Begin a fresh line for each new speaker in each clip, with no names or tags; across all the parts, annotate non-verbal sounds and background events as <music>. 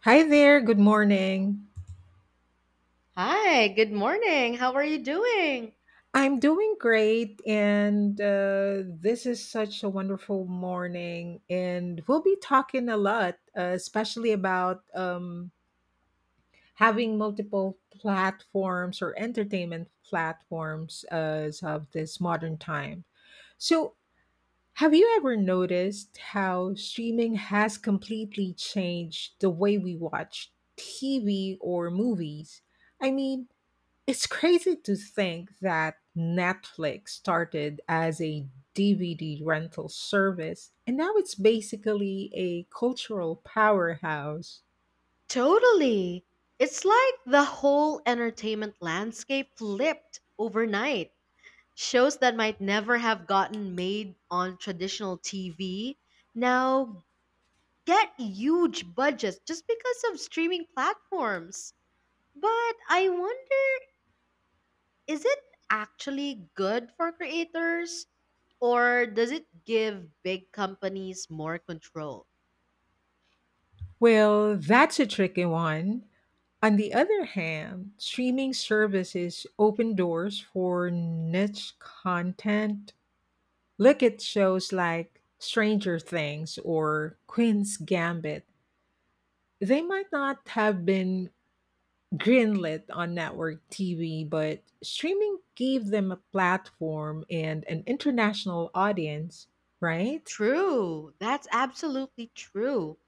Hi there, good morning.
Hi, good morning. How are you doing?
I'm doing great, and this is such a wonderful morning. And we'll be talking a lot, especially about having multiple platforms or entertainment platforms as of this modern time. So, have you ever noticed how streaming has completely changed the way we watch TV or movies? I mean, it's crazy to think that Netflix started as a DVD rental service and now it's basically a cultural powerhouse.
Totally. It's like the whole entertainment landscape flipped overnight. Shows that might never have gotten made on traditional TV now get huge budgets just because of streaming platforms. But I wonder, is it actually good for creators? Or does it give big companies more control?
Well, that's a tricky one. On the other hand, streaming services open doors for niche content. Look at shows like Stranger Things or Queen's Gambit. They might not have been greenlit on network TV, but streaming gave them a platform and an international audience, right?
True. That's absolutely true.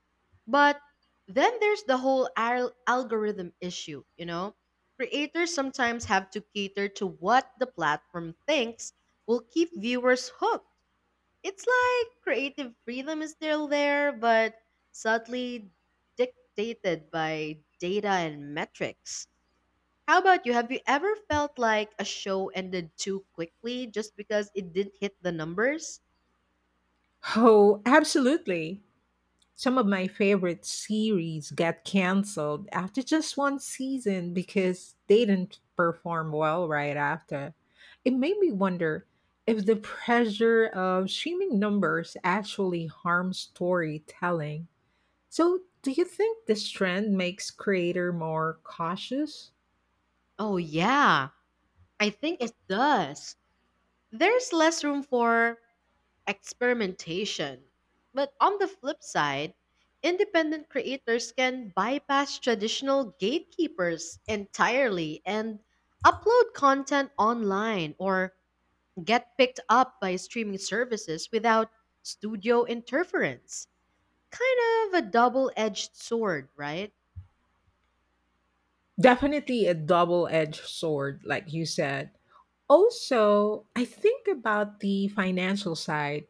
But then there's the whole algorithm issue, you know? Creators sometimes have to cater to what the platform thinks will keep viewers hooked. It's like creative freedom is still there, but subtly dictated by data and metrics. How about you? Have you ever felt like a show ended too quickly just because it didn't hit the numbers?
Oh, absolutely. Some of my favorite series got canceled after just one season because they didn't perform well right after. It made me wonder if the pressure of streaming numbers actually harms storytelling. So, do you think this trend makes creator more cautious?
Oh, yeah. I think it does. There's less room for experimentation. But on the flip side, independent creators can bypass traditional gatekeepers entirely and upload content online or get picked up by streaming services without studio interference. Kind of a double edged sword, right?
Definitely a double-edged sword, like you said. Also, I think about the financial side.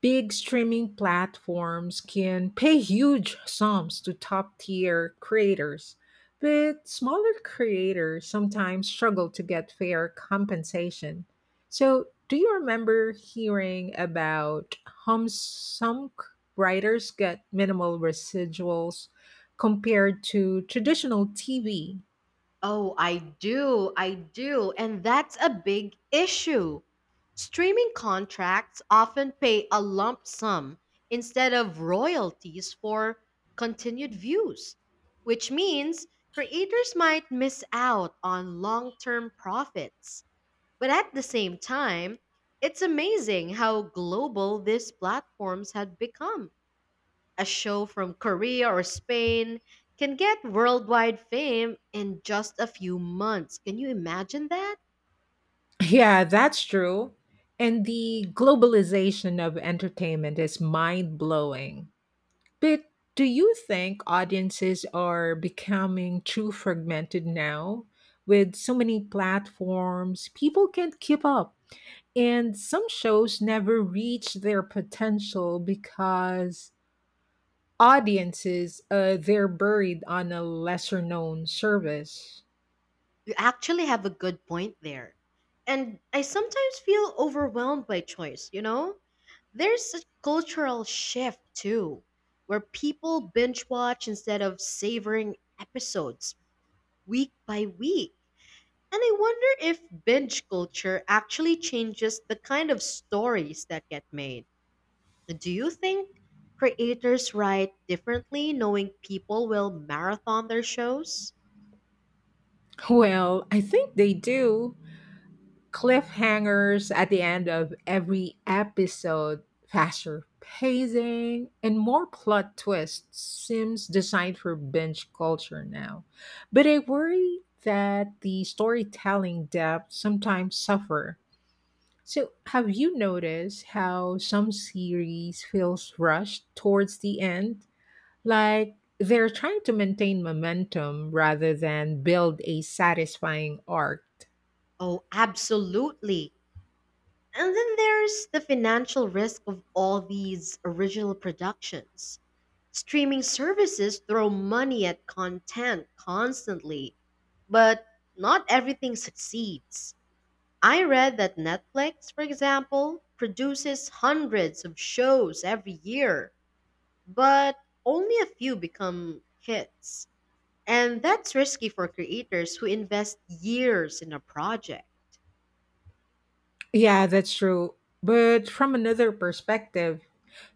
Big streaming platforms can pay huge sums to top tier creators, but smaller creators sometimes struggle to get fair compensation. So, do you remember hearing about how writers get minimal residuals compared to traditional TV? <laughs>
Oh, I do. I do. And that's a big issue. Streaming contracts often pay a lump sum instead of royalties for continued views, which means creators might miss out on long term profits. But at the same time, it's amazing how global these platforms had become. A show from Korea or Spain can get worldwide fame in just a few months. Can you imagine that?
Yeah, that's true. And the globalization of entertainment is mind blowing. But do you think audiences are becoming too fragmented now? With so many platforms, people can't keep up. And some shows never reach their potential because audiences, they're buried on a lesser known service.
You actually have a good point there. And I sometimes feel overwhelmed by choice? There's a cultural shift too, where people binge watch instead of savoring episodes week by week. And I wonder if binge culture actually changes the kind of stories that get made. Do you think creators write differently knowing people will marathon their shows?
Well, I think they do. Cliffhangers at the end of every episode, faster pacing, and more plot twists seems designed for binge culture now. But I worry that the storytelling depth sometimes suffer. So, have you noticed how some series feels rushed towards the end? Like they're trying to maintain momentum rather than build a satisfying arc.
Oh, absolutely. And then there's the financial risk of all these original productions. Streaming services throw money at content constantly, but not everything succeeds. I read that Netflix, for example, produces hundreds of shows every year but only a few become hits. And that's risky for creators who invest years in a project.
Yeah, that's true. But from another perspective,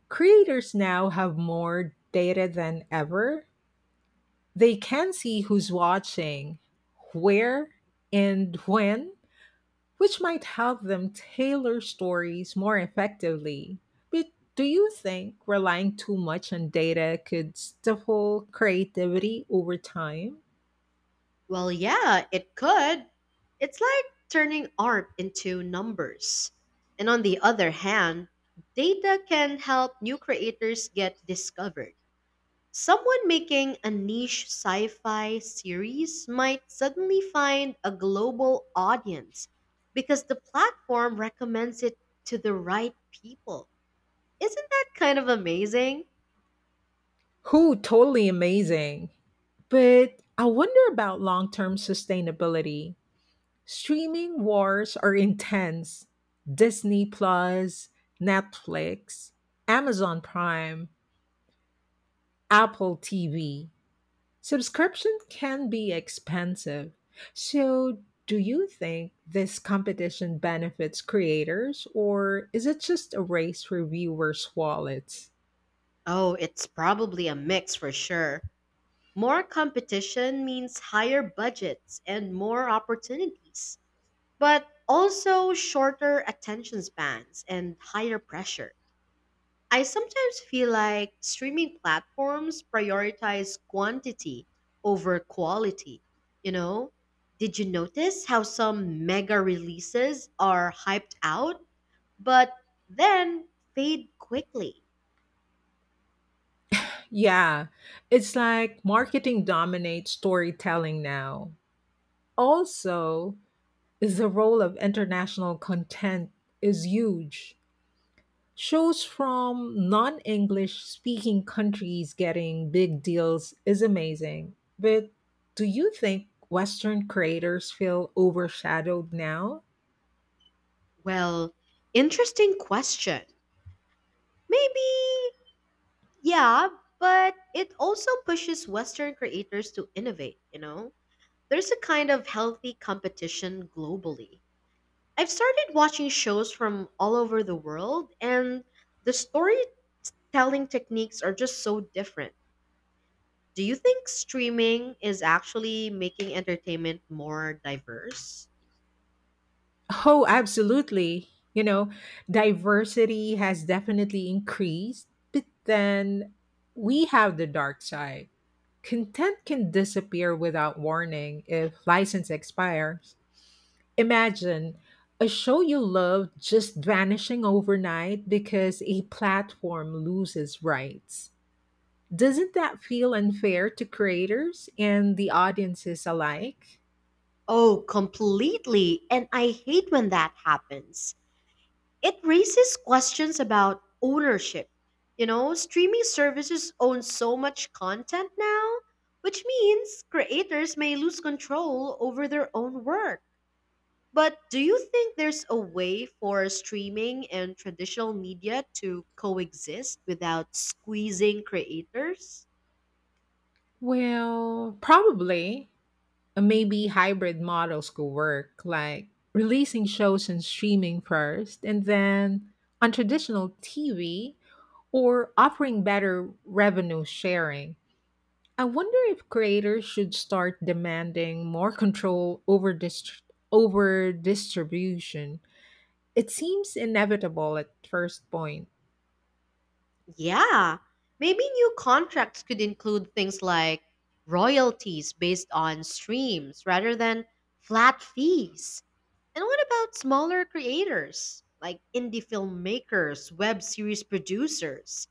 creators now have more data than ever. They can see who's watching, where, and when, which might help them tailor stories more effectively. But do you think relying too much on data could stifle creativity over time?
Well, yeah, it could. It's like turning art into numbers. And on the other hand, data can help new creators get discovered. Someone making a niche sci fi series might suddenly find a global audience because the platform recommends it to the right people. Isn't that kind of amazing?
Who totally amazing. But I wonder about long term sustainability. Streaming wars are intense. Disney Plus, Netflix, Amazon Prime, Apple TV. Subscription can be expensive. So, do you think this competition benefits creators or is it just a race for viewers' wallets?
Oh, it's probably a mix for sure. More competition means higher budgets and more opportunities, but also shorter attention spans and higher pressure. I sometimes feel like streaming platforms prioritize quantity over quality. You know, did you notice how some mega releases are hyped out but then fade quickly?
Yeah, it's like marketing dominates storytelling now. Also, is the role of international content is huge. Shows from non-English speaking countries getting big deals is amazing. But do you think Western creators feel overshadowed now?
Well, interesting question. Maybe, yeah, but it also pushes Western creators to innovate, There's a kind of healthy competition globally. I've started watching shows from all over the world, and the storytelling techniques are just so different. Do you think streaming is actually making entertainment more diverse?
Oh, absolutely. You know, diversity has definitely increased, but then we have the dark side. Content can disappear without warning if license expires. Imagine a show you love just vanishing overnight because a platform loses rights. Doesn't that feel unfair to creators and the audiences alike?
Oh, completely. And I hate when that happens. It raises questions about ownership. You know, streaming services own so much content now, which means creators may lose control over their own work. But do you think there's a way for streaming and traditional media to coexist without squeezing creators?
Well, probably. Maybe hybrid models could work, like releasing shows and streaming first, and then on traditional TV, or offering better revenue sharing. I wonder if creators should start demanding more control over distribution. It seems inevitable at first point.
Yeah, maybe new contracts could include things like royalties based on streams rather than flat fees. And what about smaller creators like indie filmmakers, web series producers?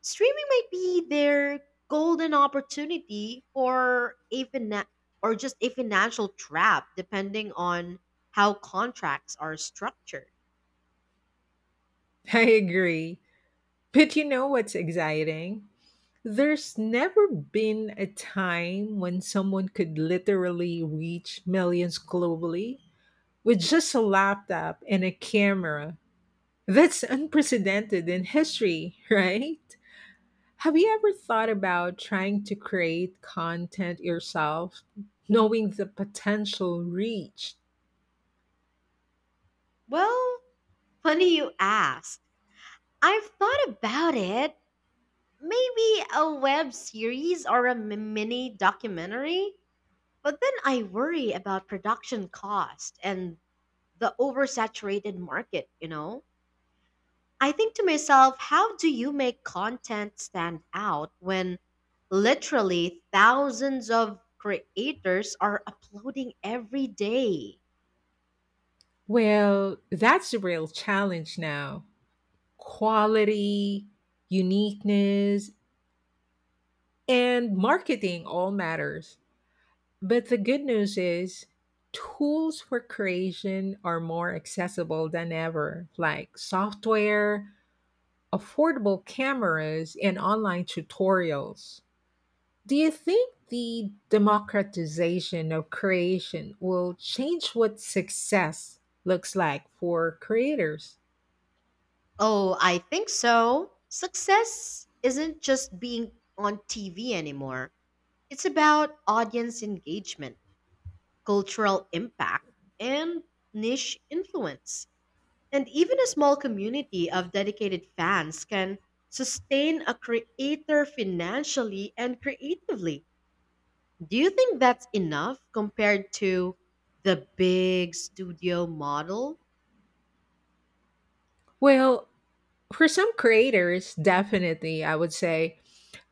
Streaming might be their golden opportunity or a or just a financial trap depending on how contracts are structured.
<laughs> I agree. But you know what's exciting? There's never been a time when someone could literally reach millions globally with just a laptop and a camera. That's unprecedented in history, <laughs> right? Have you ever thought about trying to create content yourself, knowing the potential reach?
Well, funny you ask. I've thought about it. Maybe a web series or a mini documentary, but then I worry about production cost and the oversaturated market? I think to myself, how do you make content stand out when literally thousands of creators are uploading every day?
Well, that's the real challenge now. Quality, uniqueness, and marketing all matters. But the good news is, tools for creation are more accessible than ever, like software, affordable cameras, and online tutorials. Do you think the democratization of creation will change what success looks like for creators?
Oh, I think so. Success isn't just being on TV anymore, it's about audience engagement, cultural impact, and niche influence. And even a small community of dedicated fans can sustain a creator financially and creatively. Do you think that's enough compared to the big studio model?
Well, for some creators, definitely, I would say,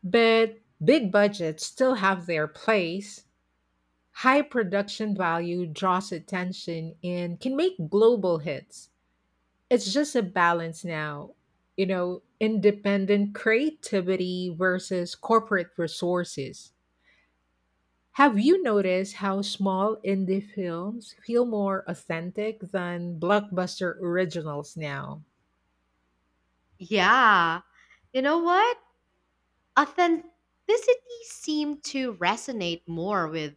but big budgets still have their place. High production value draws attention and can make global hits. It's just a balance now, you know, independent creativity versus corporate resources. Have you noticed how small indie films feel more authentic than blockbuster originals now?
Yeah. You know what? Authenticity seemed to resonate more with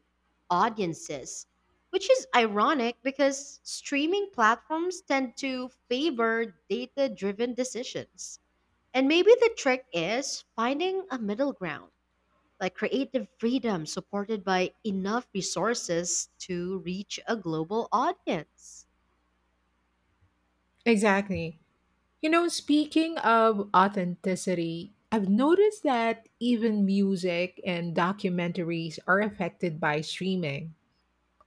audiences, which is ironic because streaming platforms tend to favor data driven decisions. And maybe the trick is finding a middle ground, like creative freedom supported by enough resources to reach a global audience.
Exactly. You know, speaking of authenticity, I've noticed that even music and documentaries are affected by streaming.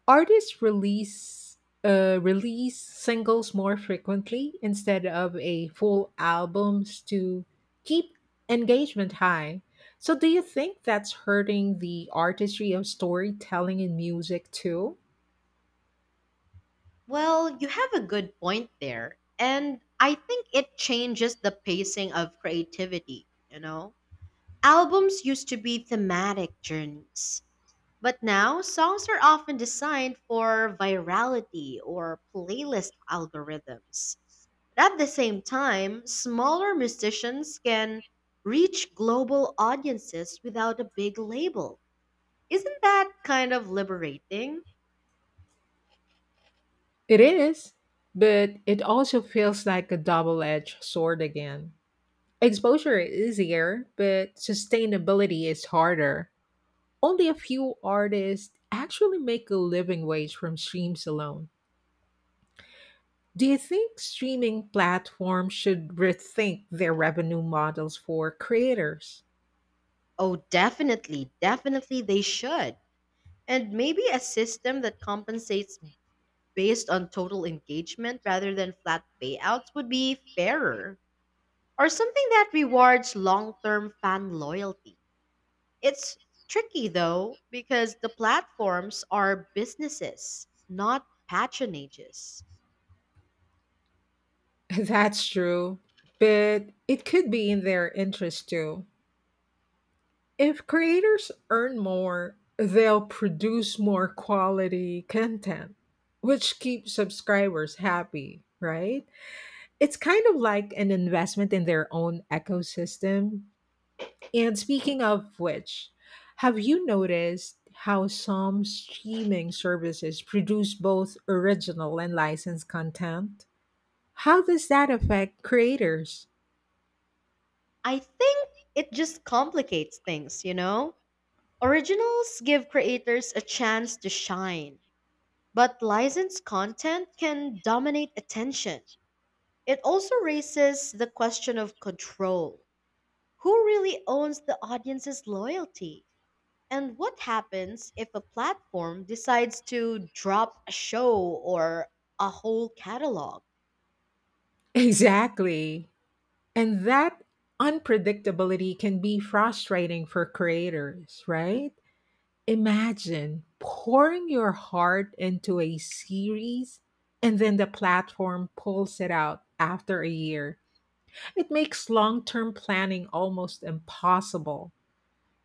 Artists release release singles more frequently instead of a full albums to keep engagement high. So do you think that's hurting the artistry of storytelling in music too?
Well, you have a good point there. And I think it changes the pacing of creativity? Albums used to be thematic journeys, but now songs are often designed for virality or playlist algorithms. But at the same time, smaller musicians can reach global audiences without a big label. Isn't that kind of liberating?
It is, but it also feels like a double-edged sword again. Exposure is easier, but sustainability is harder. Only a few artists actually make a living wage from streams alone. Do you think streaming platforms should rethink their revenue models for creators?
Oh, definitely, definitely they should. And maybe a system that compensates based on total engagement rather than flat payouts would be fairer, or something that rewards long term fan loyalty. It's tricky though, because the platforms are businesses, not patronages.
<laughs> That's true, but it could be in their interest too. If creators earn more, they'll produce more quality content, which keeps subscribers happy, right? It's kind of like an investment in their own ecosystem. And speaking of which, have you noticed how some streaming services produce both original and licensed content? How does that affect creators? <laughs>
I think it just complicates things, you know? Originals give creators a chance to shine, but licensed content can dominate attention. It also raises the question of control. Who really owns the audience's loyalty? And what happens if a platform decides to drop a show or a whole catalog?
Exactly. And that unpredictability can be frustrating for creators, right? Imagine pouring your heart into a series and then the platform pulls it out after a year. It makes long term planning almost impossible.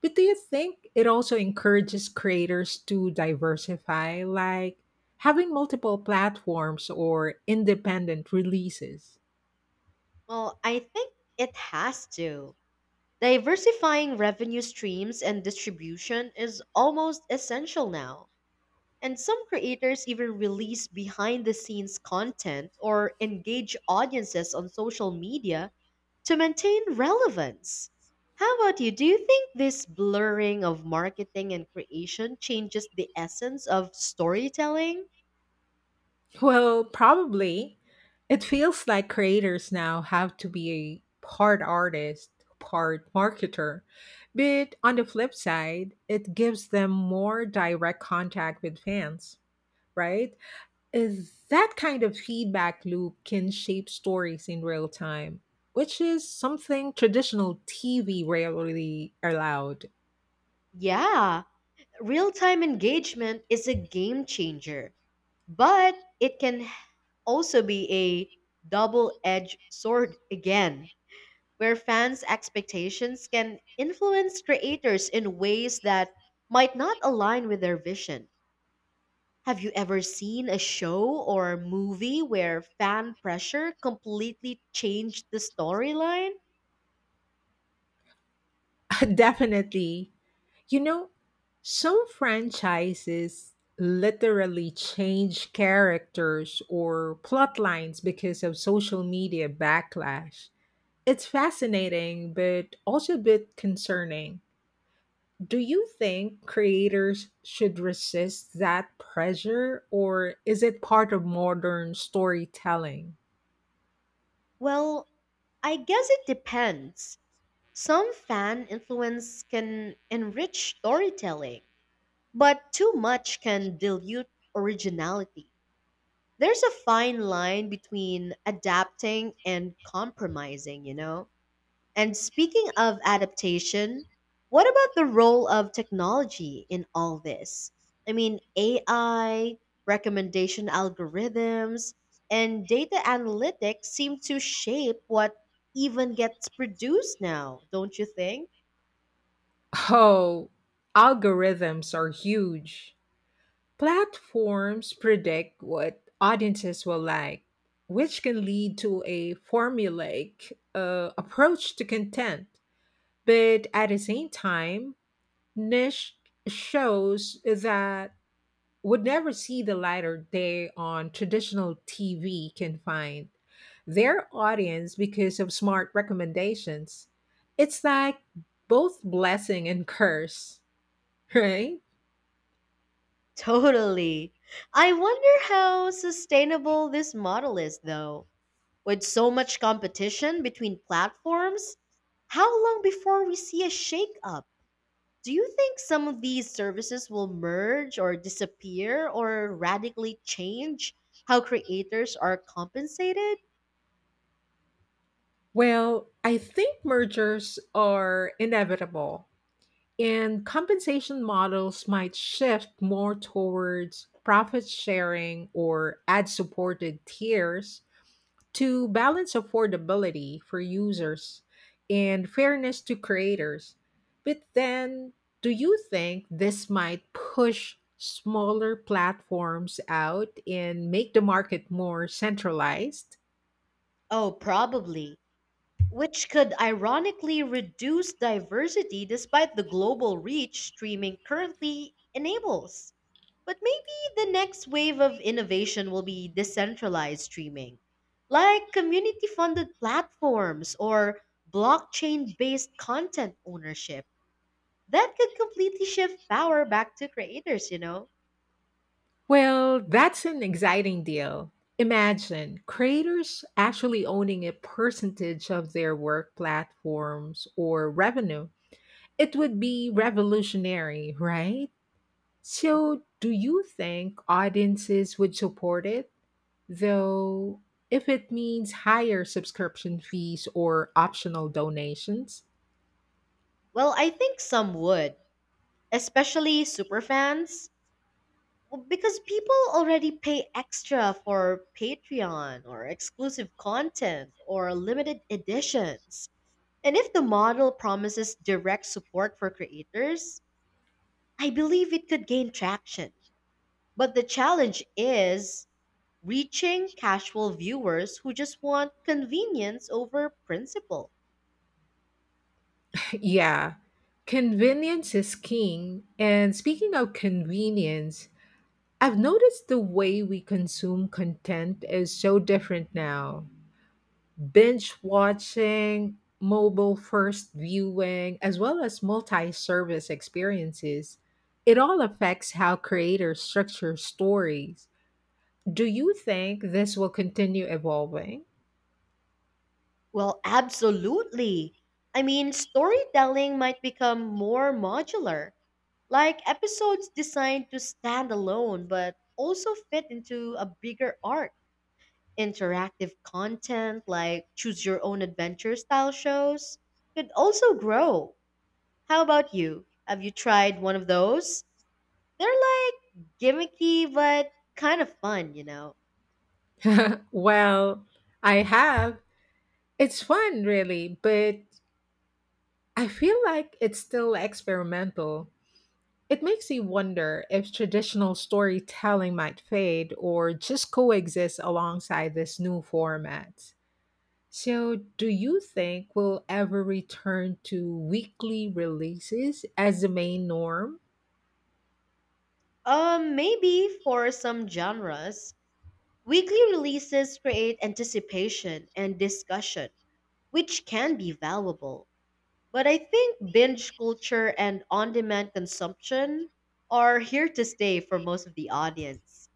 But do you think it also encourages creators to diversify, like having multiple platforms or independent releases?
Well, I think it has to. Diversifying revenue streams and distribution is almost essential now. And some creators even release behind the scenes content or engage audiences on social media to maintain relevance. How about you? Do you think this blurring of marketing and creation changes the essence of storytelling?
Well, probably. It feels like creators now have to be a part artist, part marketer. But on the flip side, it gives them more direct contact with fans, right? Is that kind of feedback loop can shape stories in real time, which is something traditional TV rarely allowed.
Yeah, real time engagement is a game changer, but it can also be a double edged sword again, where fans' expectations can influence creators in ways that might not align with their vision. Have you ever seen a show or movie where fan pressure completely changed the storyline?
<laughs> Definitely. You know, some franchises literally change characters or plot lines because of social media backlash. It's fascinating, but also a bit concerning. Do you think creators should resist that pressure or is it part of modern storytelling?
Well, I guess it depends. Some fan influence can enrich storytelling, but too much can dilute originality. There's a fine line between adapting and compromising, you know? And speaking of adaptation, what about the role of technology in all this? I mean, AI, recommendation algorithms, and data analytics seem to shape what even gets produced now, don't you think? <laughs>
Oh, algorithms are huge. Platforms predict what audiences will like, which can lead to a formulaic approach to content. But at the same time, niche shows that would never see the light of day on traditional TV can find their audience because of smart recommendations. It's like both blessing and curse, <laughs> right?
Totally. I wonder how sustainable this model is, though. With so much competition between platforms, how long before we see a shakeup? Do you think some of these services will merge or disappear or radically change how creators are compensated?
Well, I think mergers are inevitable and compensation models might shift more towards profit sharing or ad supported tiers to balance affordability for users and fairness to creators. But then, do you think this might push smaller platforms out and make the market more centralized?
Oh, probably. Which could ironically reduce diversity despite the global reach streaming currently enables. But maybe the next wave of innovation will be decentralized streaming, like community funded platforms or blockchain based content ownership. That could completely shift power back to creators, you know?
Well, that's an exciting deal. Imagine creators actually owning a percentage of their work platforms or revenue. It would be revolutionary, right? So, do you think audiences would support it, though, if it means higher subscription fees or optional donations? <laughs>
Well, I think some would, especially superfans, because people already pay extra for Patreon or exclusive content or limited editions. And if the model promises direct support for creators, I believe it could gain traction. But the challenge is reaching casual viewers who just want convenience over principle.
Yeah, convenience is king. And speaking of convenience, I've noticed the way we consume content is so different now. Binge watching, mobile first viewing, as well as multi service experiences. It all affects how creators structure stories. Do you think this will continue evolving?
Well, absolutely. I mean, storytelling might become more modular, like episodes designed to stand alone but also fit into a bigger arc. Interactive content like choose your own adventure style shows could also grow. How about you? Have you tried one of those? They're like gimmicky but kind of fun, you know.
<laughs> Well, I have. It's fun, really, but I feel like it's still experimental. It makes you wonder if traditional storytelling might fade or just coexist alongside this new format. So, do you think we'll ever return to weekly releases as the main norm?
Maybe for some genres, weekly releases create anticipation and discussion, which can be valuable. But I think binge culture and on demand consumption are here to stay for most of the audience.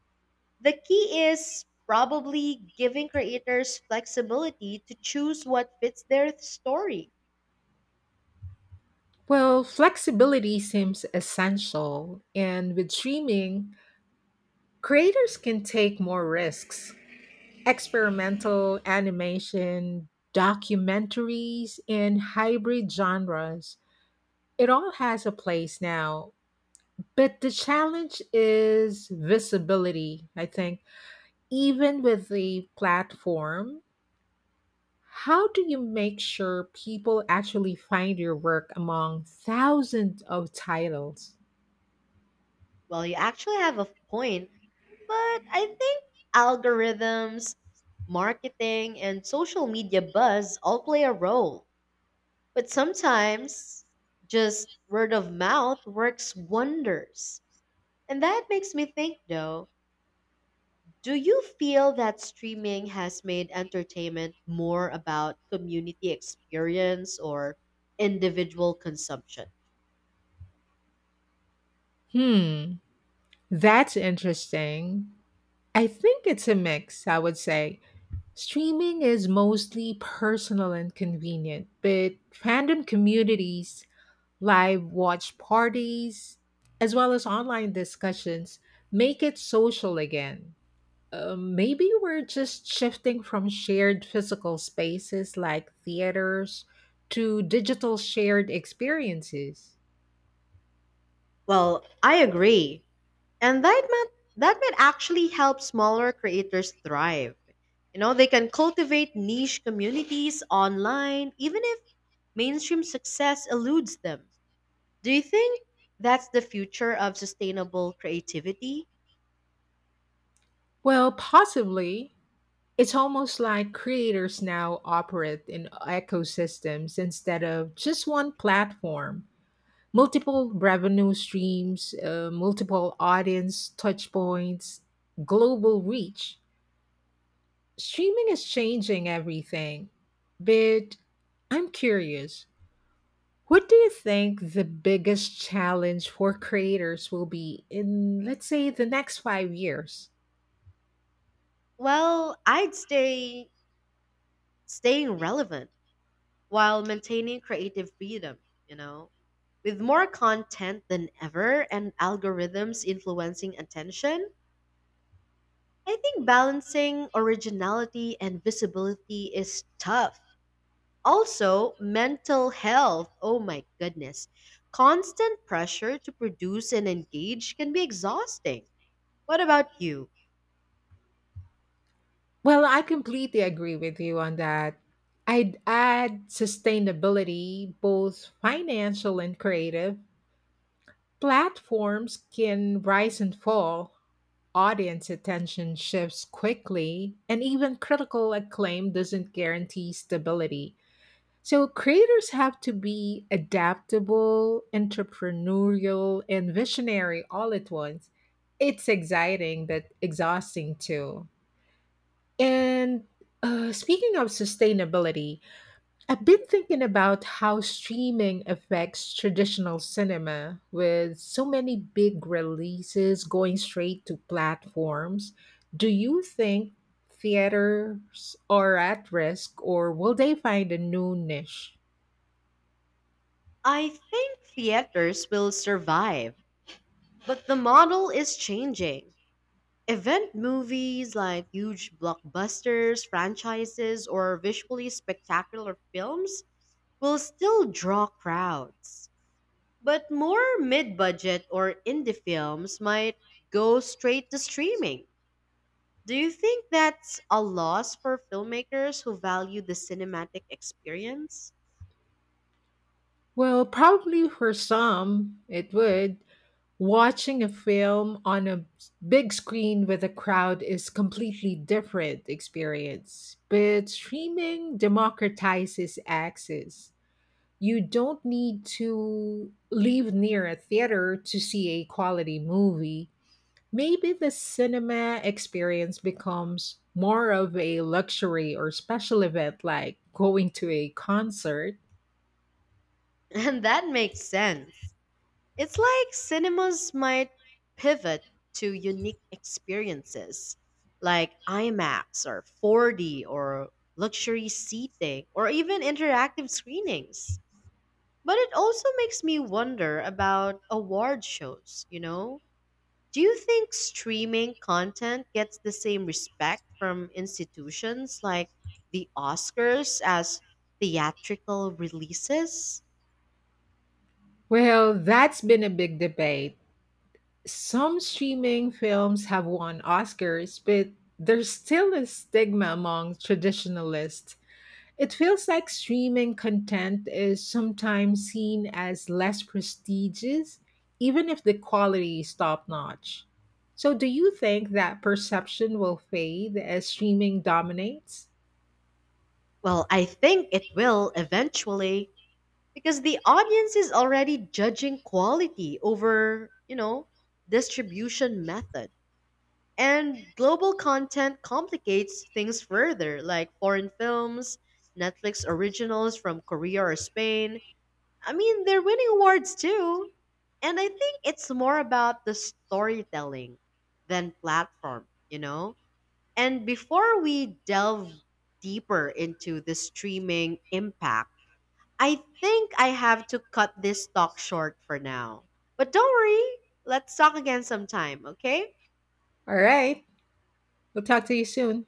The key is probably giving creators flexibility to choose what fits their story.
Well, flexibility seems essential, and with streaming, creators can take more risks. Experimental animation, documentaries, and hybrid genres. It all has a place now. But the challenge is visibility, I think. Even with the platform, how do you make sure people actually find your work among thousands of titles?
Well, you actually have a point, but I think algorithms, marketing, and social media buzz all play a role. But sometimes just word of mouth works wonders. And that makes me think though, do you feel that streaming has made entertainment more about community experience or individual consumption?
Hmm, that's interesting. I think it's a mix, I would say. Streaming is mostly personal and convenient, but fandom communities, live watch parties, as well as online discussions make it social again. Maybe we're just shifting from shared physical spaces like theaters to digital shared experiences.
Well, I agree. And that might actually help smaller creators thrive. You know, they can cultivate niche communities online even if mainstream success eludes them. Do you think that's the future of sustainable creativity?
Well, possibly. It's almost like creators now operate in ecosystems instead of just one platform. Multiple revenue streams, multiple audience touchpoints, global reach. Streaming is changing everything. But I'm curious, what do you think the biggest challenge for creators will be in, let's say, the next 5 years?
Well, I'd say staying relevant while maintaining creative freedom, you know, with more content than ever and algorithms influencing attention. I think balancing originality and visibility is tough. Also, mental health. Oh my goodness. Constant pressure to produce and engage can be exhausting. What about you?
Well, I completely agree with you on that. I'd add sustainability, both financial and creative. Platforms can rise and fall, audience attention shifts quickly, and even critical acclaim doesn't guarantee stability. So creators have to be adaptable, entrepreneurial, and visionary all at once. It's exciting but exhausting too. And speaking of sustainability, I've been thinking about how streaming affects traditional cinema with so many big releases going straight to platforms. Do you think theaters are at risk or will they find a new niche?
I think theaters will survive, but the model is changing. Event movies like huge blockbusters, franchises, or visually spectacular films will still draw crowds. But more mid budget or indie films might go straight to streaming. Do you think that's a loss for filmmakers who value the cinematic experience? <laughs>
Well, probably for some, it would. Watching a film on a big screen with a crowd is completely different experience. But streaming democratizes access. You don't need to live near a theater to see a quality movie. Maybe the cinema experience becomes more of a luxury or special event like going to a concert.
And that makes sense. It's like cinemas might pivot to unique experiences like IMAX or 4D or luxury seating or even interactive screenings. But it also makes me wonder about award shows, you know? Do you think streaming content gets the same respect from institutions like the Oscars as theatrical releases?
Well, that's been a big debate. Some streaming films have won Oscars, but there's still a stigma among traditionalists. It feels like streaming content is sometimes seen as less prestigious, even if the quality is top notch. So, do you think that perception will fade as streaming dominates?
Well, I think it will eventually, because the audience is already judging quality over, you know, distribution method. And global content complicates things further, like foreign films, Netflix originals from Korea or Spain. I mean, they're winning awards too. And I think it's more about the storytelling than platform, you know? And before we delve deeper into the streaming impact, I think I have to cut this talk short for now. But don't worry, let's talk again sometime, okay?
All right, we'll talk to you soon.